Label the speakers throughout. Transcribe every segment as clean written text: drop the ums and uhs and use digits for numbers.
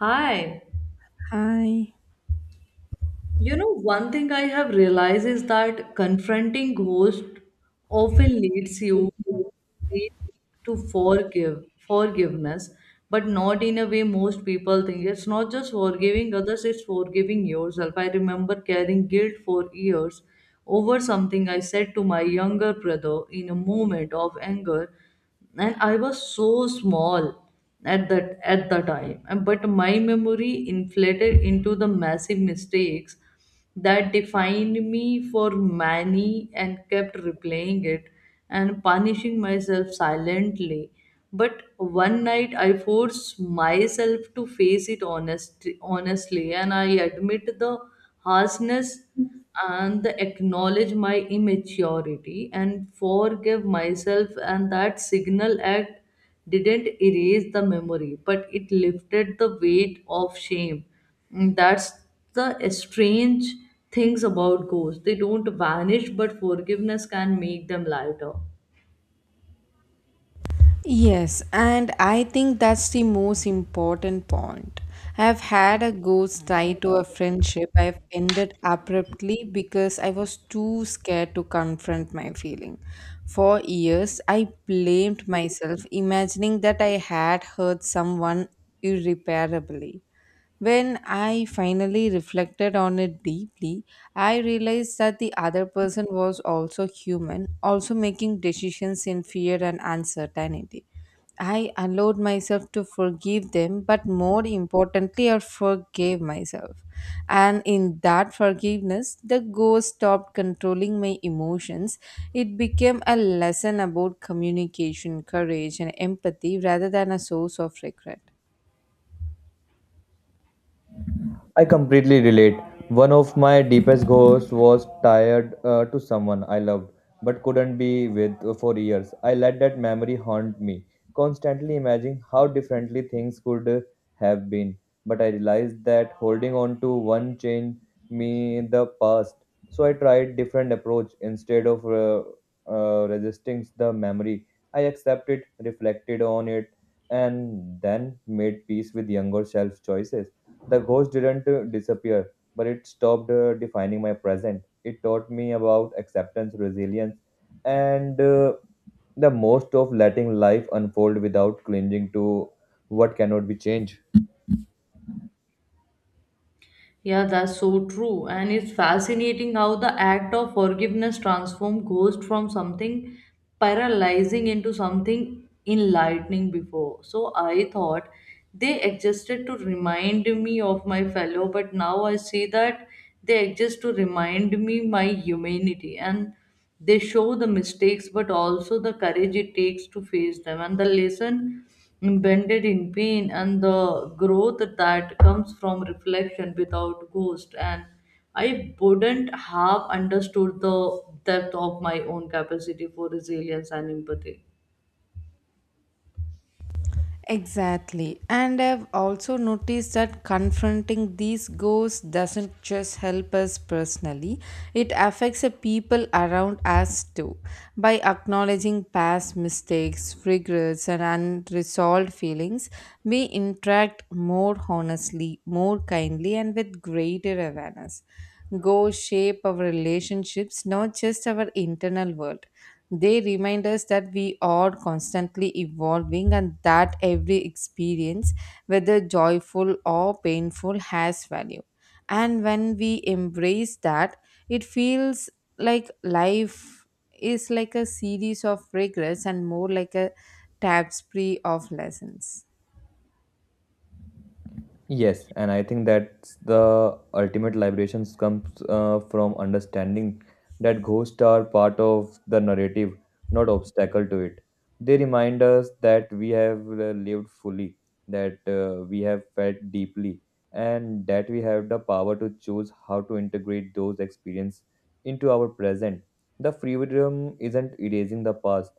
Speaker 1: Hi.
Speaker 2: I
Speaker 1: You know, one thing I have realized is that confronting ghosts often leads you ways to forgiveness but not in a way most people think. It's not just forgiving others, it's forgiving yourself. I remember carrying guilt for years over something I said to my younger brother in a moment of anger, and I was so small at that at the time. And- but my memory inflated into the massive mistakes that defined me for many, and kept replaying it and punishing myself silently. But one night I forced myself to face it honestly, and I admit the harshness and the acknowledge my immaturity and forgive myself, and that signal act didn't erase the memory, but it lifted the weight of shame. Mm, that's the strange things about ghosts. They don't vanish, but forgiveness can make them lighter.
Speaker 2: Yes, and I think that's the most important point. I've had a ghost tie to a friendship I've ended abruptly because I was too scared to confront my feeling. For years, I blamed myself, imagining that I had hurt someone irreparably. When I finally reflected on it deeply, I realized that the other person was also human, also making decisions in fear and uncertainty. I allowed myself to forgive them, but more importantly, I forgave myself. And in that forgiveness, the ghost stopped controlling my emotions. It became a lesson about communication, courage, and empathy rather than a source of regret.
Speaker 3: I completely relate. One of my deepest goals was tied to someone I loved but couldn't be with for years. I let that memory haunt me, constantly imagining how differently things could have been. But I realized that holding on to one changed me the past. So I tried different approach instead of resisting the memory. I accepted, reflected on it, and then made peace with younger self choices. The ghost didn't disappear, but it stopped defining my present. It taught me about acceptance, resilience, and the most of letting life unfold without clinging to what cannot be changed.
Speaker 1: Yeah, that's so true. And it's fascinating how the act of forgiveness transforms ghost from something paralyzing into something enlightening before. So I thought they existed to remind me of my fellow, but now I see that they exist to remind me my humanity. And they show the mistakes, but also the courage it takes to face them, and the lesson embedded in pain, and the growth that comes from reflection without ghost. And I wouldn't have understood the depth of my own capacity for resilience and empathy.
Speaker 2: Exactly. And I've also noticed that confronting these ghosts doesn't just help us personally, it affects the people around us too. By acknowledging past mistakes, regrets, and unresolved feelings, we interact more honestly, more kindly, and with greater awareness. Ghosts shape our relationships, not just our internal world. They remind us that we are constantly evolving and that every experience, whether joyful or painful, has value. And when we embrace that, it feels like life is like a series of regrets and more like a tapestry of lessons.
Speaker 3: Yes, and I think that's the ultimate liberation comes from understanding that ghosts are part of the narrative, not obstacle to it. They remind us that we have lived fully, that we have felt deeply, and that we have the power to choose how to integrate those experiences into our present. The freedom isn't erasing the past;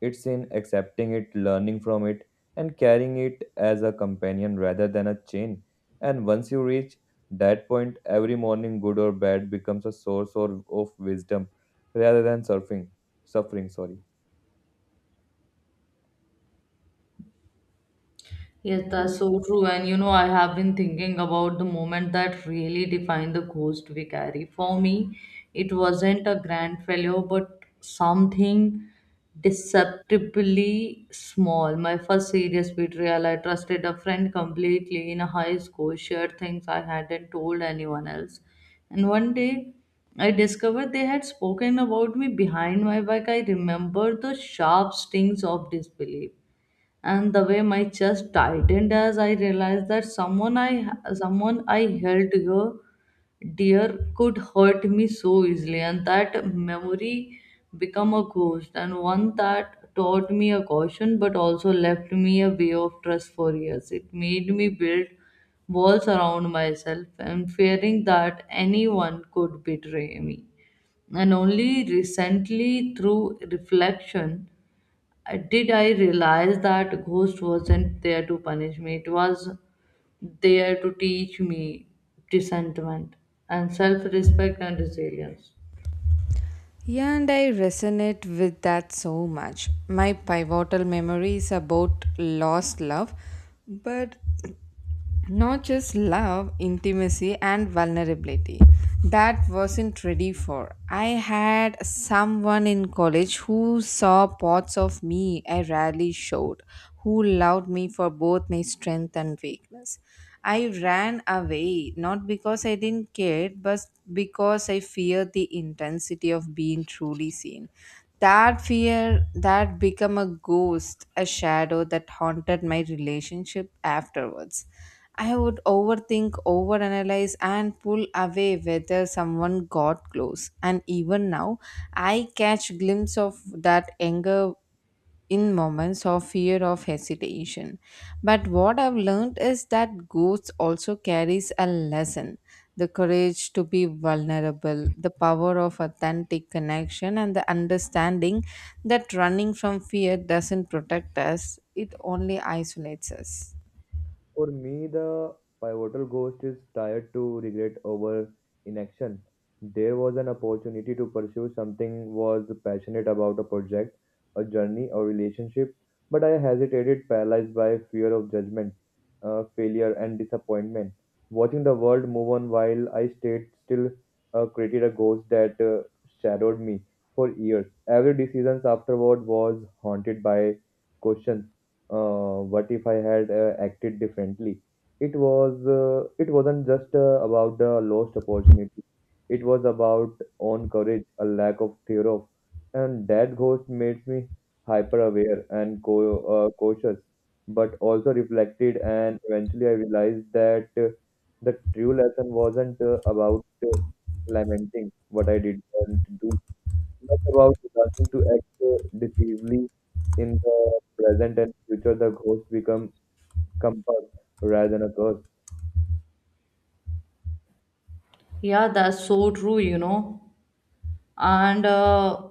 Speaker 3: it's in accepting it, learning from it, and carrying it as a companion rather than a chain. And once you reach that point, every morning, good or bad, becomes a source of wisdom rather than suffering. Sorry.
Speaker 1: Yes, that's so true. And you know, I have been thinking about the moment that really defined the ghost we carry. For me, it wasn't a grand failure, but something deceptively small. My first serious betrayal, I trusted a friend completely in a high school, shared things I hadn't told anyone else. And one day, I discovered they had spoken about me behind my back. I remember the sharp stings of disbelief and the way my chest tightened as I realized that someone I held dear could hurt me so easily, and that memory become a ghost, and one that taught me a caution but also left me a way of trust for years. It made me build walls around myself and fearing that anyone could betray me. And only recently, through reflection, did I realize that ghost wasn't there to punish me? It was there to teach me discernment and self-respect and resilience.
Speaker 2: Yeah, and I resonate with that so much. My pivotal memory is about lost love, but not just love, intimacy, and vulnerability. That wasn't ready for. I had someone in college who saw parts of me I rarely showed, who loved me for both my strength and weakness. I ran away not because I didn't care, but because I feared the intensity of being truly seen. That fear that became a ghost, a shadow that haunted my relationship afterwards. I would overthink, overanalyze, and pull away whether someone got close. And even now, I catch glimpse of that anger in moments of fear of hesitation. But what I've learned is that ghosts also carries a lesson: the courage to be vulnerable, the power of authentic connection, and the understanding that running from fear doesn't protect us; it only isolates us.
Speaker 3: For me, the pivotal ghost is tired to regret over inaction. There was an opportunity to pursue something was passionate about a project, a journey, a relationship, but I hesitated, paralyzed by fear of judgment, failure, and disappointment. Watching the world move on while I stayed still created a ghost that shadowed me for years. Every decision afterward was haunted by questions what if I had acted differently? It wasn't just about the lost opportunity. It was about own courage, a lack of fear of, and that ghost made me hyper aware and cautious, but also reflected. And eventually, I realized that the true lesson wasn't about lamenting what I didn't do much about learning to act decisively in the present and future. The ghost become compass rather than a curse.
Speaker 1: Yeah, that's so true, you know. And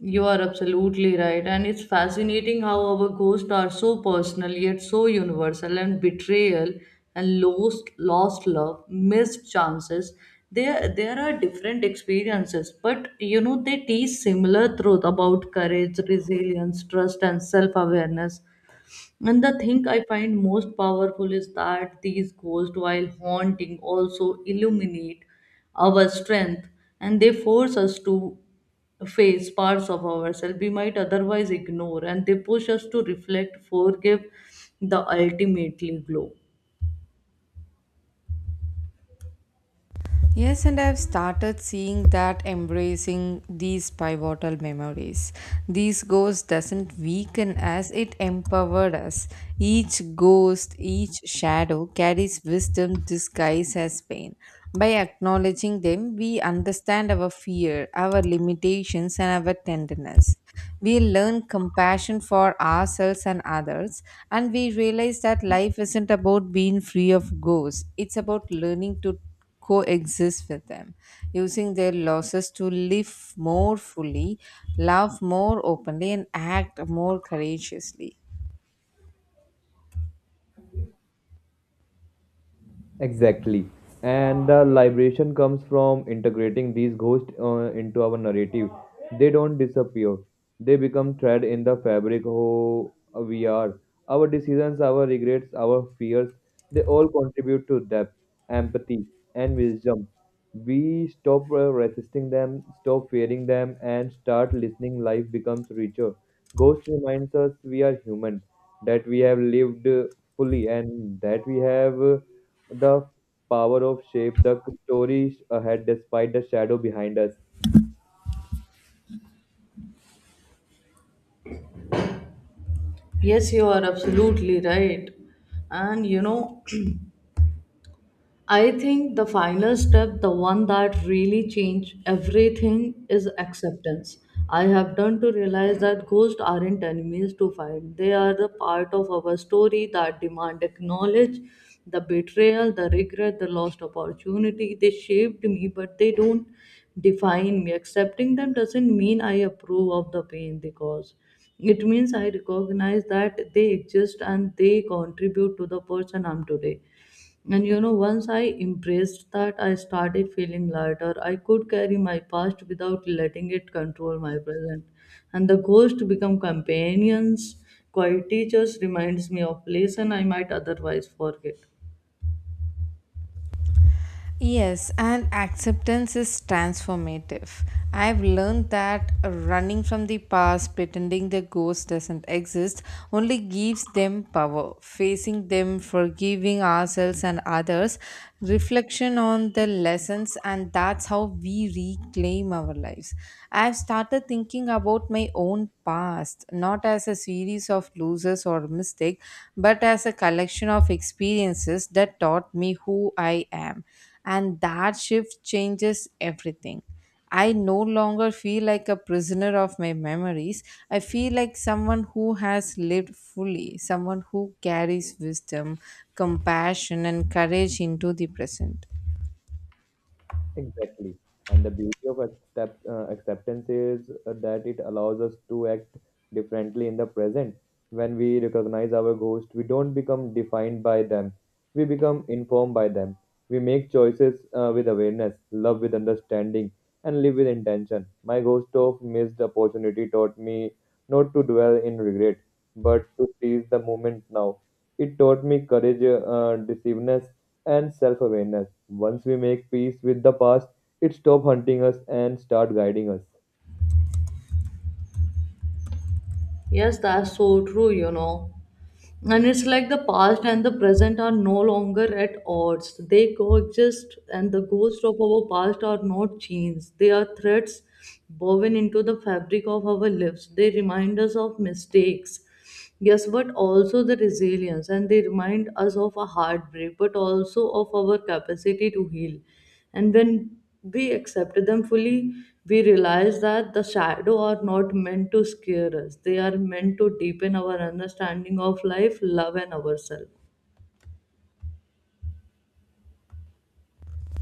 Speaker 1: you are absolutely right. And it's fascinating how our ghosts are so personal yet so universal, and betrayal and lost love, missed chances. There are different experiences, but you know they teach similar truth about courage, resilience, trust, and self awareness. And the thing I find most powerful is that these ghosts, while haunting, also illuminate our strength, and they force us to face parts of ourselves we might otherwise ignore, and they push us to reflect forgive the ultimately glow.
Speaker 2: Yes, and I've started seeing that embracing these pivotal memories. These ghosts doesn't weaken us, it empowered us. Each ghost, each shadow carries wisdom disguised as pain. By acknowledging them, we understand our fear, our limitations, and our tenderness. We learn compassion for ourselves and others, and we realize that life isn't about being free of ghosts, it's about learning to coexist with them, using their losses to live more fully, love more openly, and act more courageously.
Speaker 3: Exactly. And the liberation comes from integrating these ghosts into our narrative. They don't disappear, they become thread in the fabric who we are. Our decisions, our regrets, our fears, they all contribute to depth, empathy, and wisdom. We stop resisting them, stop fearing them, and start listening. Life becomes richer. Ghost reminds us we are human, that we have lived fully, and that we have the power of shape, the stories ahead despite the shadow behind us.
Speaker 1: Yes, you are absolutely right. And you know, I think the final step, the one that really changed everything, is acceptance. I have done to realize that ghosts aren't enemies to fight. They are the part of our story that demand acknowledge the betrayal, the regret, the lost opportunity. They shaped me, but they don't define me. Accepting them doesn't mean I approve of the pain they cause. It means I recognize that they exist and they contribute to the person I'm today. And you know, once I embraced that, I started feeling lighter. I could carry my past without letting it control my present. And the ghosts become companions, quiet teachers, reminds me of lesson I might otherwise forget.
Speaker 2: Yes, and acceptance is transformative. I've learned that running from the past, pretending the ghost doesn't exist, only gives them power. Facing them, forgiving ourselves and others, reflection on the lessons, and that's how we reclaim our lives. I've started thinking about my own past, not as a series of losers or mistakes, but as a collection of experiences that taught me who I am, and that shift changes everything. I no longer feel like a prisoner of my memories. I feel like someone who has lived fully, someone who carries wisdom, compassion, and courage into the present.
Speaker 3: Exactly. And the beauty of acceptance is that it allows us to act differently in the present. When we recognize our ghosts, we don't become defined by them, we become informed by them. We make choices with awareness, love with understanding, and live with intention. My ghost of missed opportunity taught me not to dwell in regret, but to seize the moment now. It taught me courage, decisiveness, and self awareness. Once we make peace with the past, it stops hunting us and start guiding us.
Speaker 1: Yes, that's so true, you know. And it's like the past and the present are no longer at odds. They coexist, and the ghosts of our past are not chains. They are threads woven into the fabric of our lives. They remind us of mistakes, yes, but also the resilience, and they remind us of a heartbreak, but also of our capacity to heal. And when we accept them fully, we realize that the shadow are not meant to scare us. They are meant to deepen our understanding of life, love, and ourselves.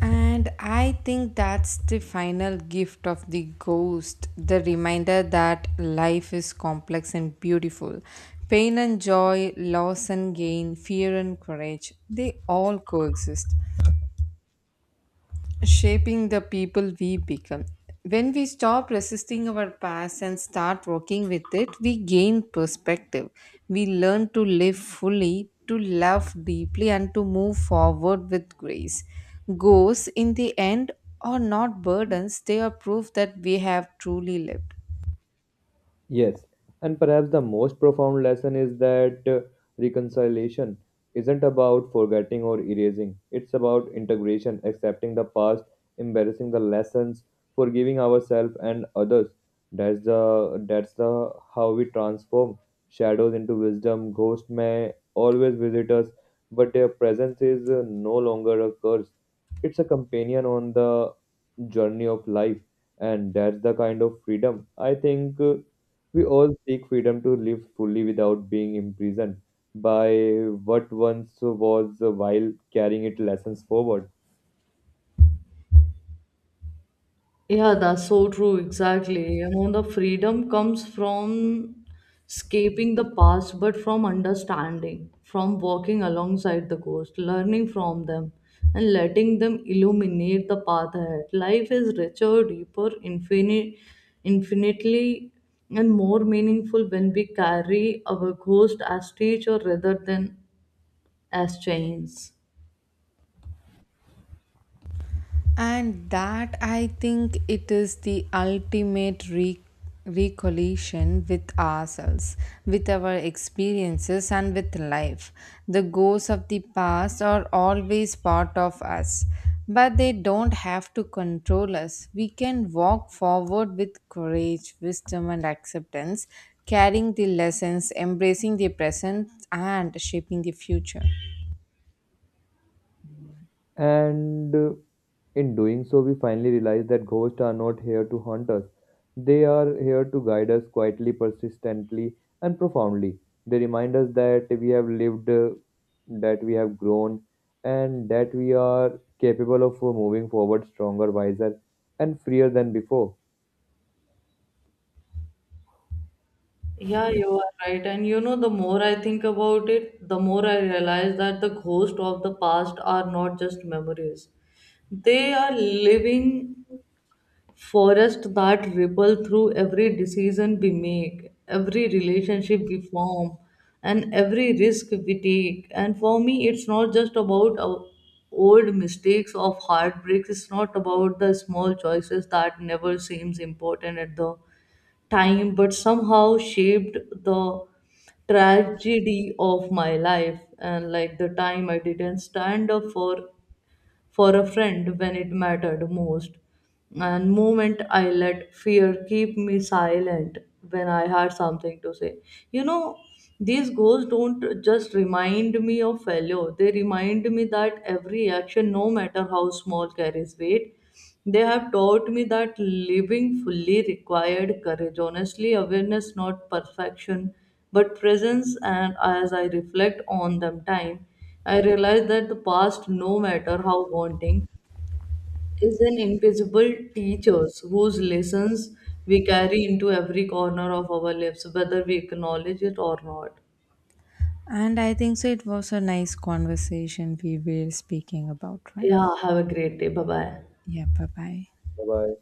Speaker 2: And I think that's the final gift of the ghost, the reminder that life is complex and beautiful. Pain and joy, loss and gain, fear and courage, they all coexist, shaping the people we become. When we stop resisting our past and start working with it, we gain perspective. We learn to live fully, to love deeply, and to move forward with grace. Goals, in the end, are not burdens, they are proof that we have truly lived.
Speaker 3: Yes, and perhaps the most profound lesson is that reconciliation isn't about forgetting or erasing. It's about integration, accepting the past, embracing the lessons, forgiving ourselves and others. That's the how we transform shadows into wisdom. Ghosts may always visit us, but their presence is no longer a curse. It's a companion on the journey of life, and that's the kind of freedom I think. We all seek freedom to live fully without being imprisoned by what once was while carrying its lessons forward.
Speaker 1: Yeah, that's so true. Exactly. You know, the freedom comes from escaping the past, but from understanding, from walking alongside the ghost, learning from them, and letting them illuminate the path ahead. Life is richer, deeper, infinite, infinitely, and more meaningful when we carry our ghost as teacher rather than as chains.
Speaker 2: And that I think it is the ultimate recollision with ourselves, with our experiences, and with life. The ghosts of the past are always part of us, but they don't have to control us. We can walk forward with courage, wisdom, and acceptance, carrying the lessons, embracing the present, and shaping the future.
Speaker 3: And In doing so, we finally realize that ghosts are not here to haunt us. They are here to guide us quietly, persistently, and profoundly. They remind us that we have lived, that we have grown, and that we are capable of moving forward stronger, wiser, and freer than before.
Speaker 1: Yeah, you are right. And you know, the more I think about it, the more I realize that the ghosts of the past are not just memories. They are living forest that ripple through every decision we make, every relationship we form, and every risk we take. And for me, it's not just about our old mistakes of heartbreaks. It's not about the small choices that never seems important at the time but somehow shaped the tragedy of my life, and like the time I didn't stand up for a friend when it mattered most, and moment I let fear keep me silent when I had something to say, you know, these goals don't just remind me of failure, they remind me that every action no matter how small carries weight. They have taught me that living fully required courage. Honestly, awareness, not perfection, but presence. And as I reflect on them time, I realize that the past, no matter how daunting, is an invisible teacher whose lessons we carry into every corner of our lives, whether we acknowledge it or not.
Speaker 2: And I think so it was a nice conversation we were speaking about, right?
Speaker 1: Yeah, have a great day. Bye bye.
Speaker 2: Yeah, bye bye.
Speaker 3: Bye bye.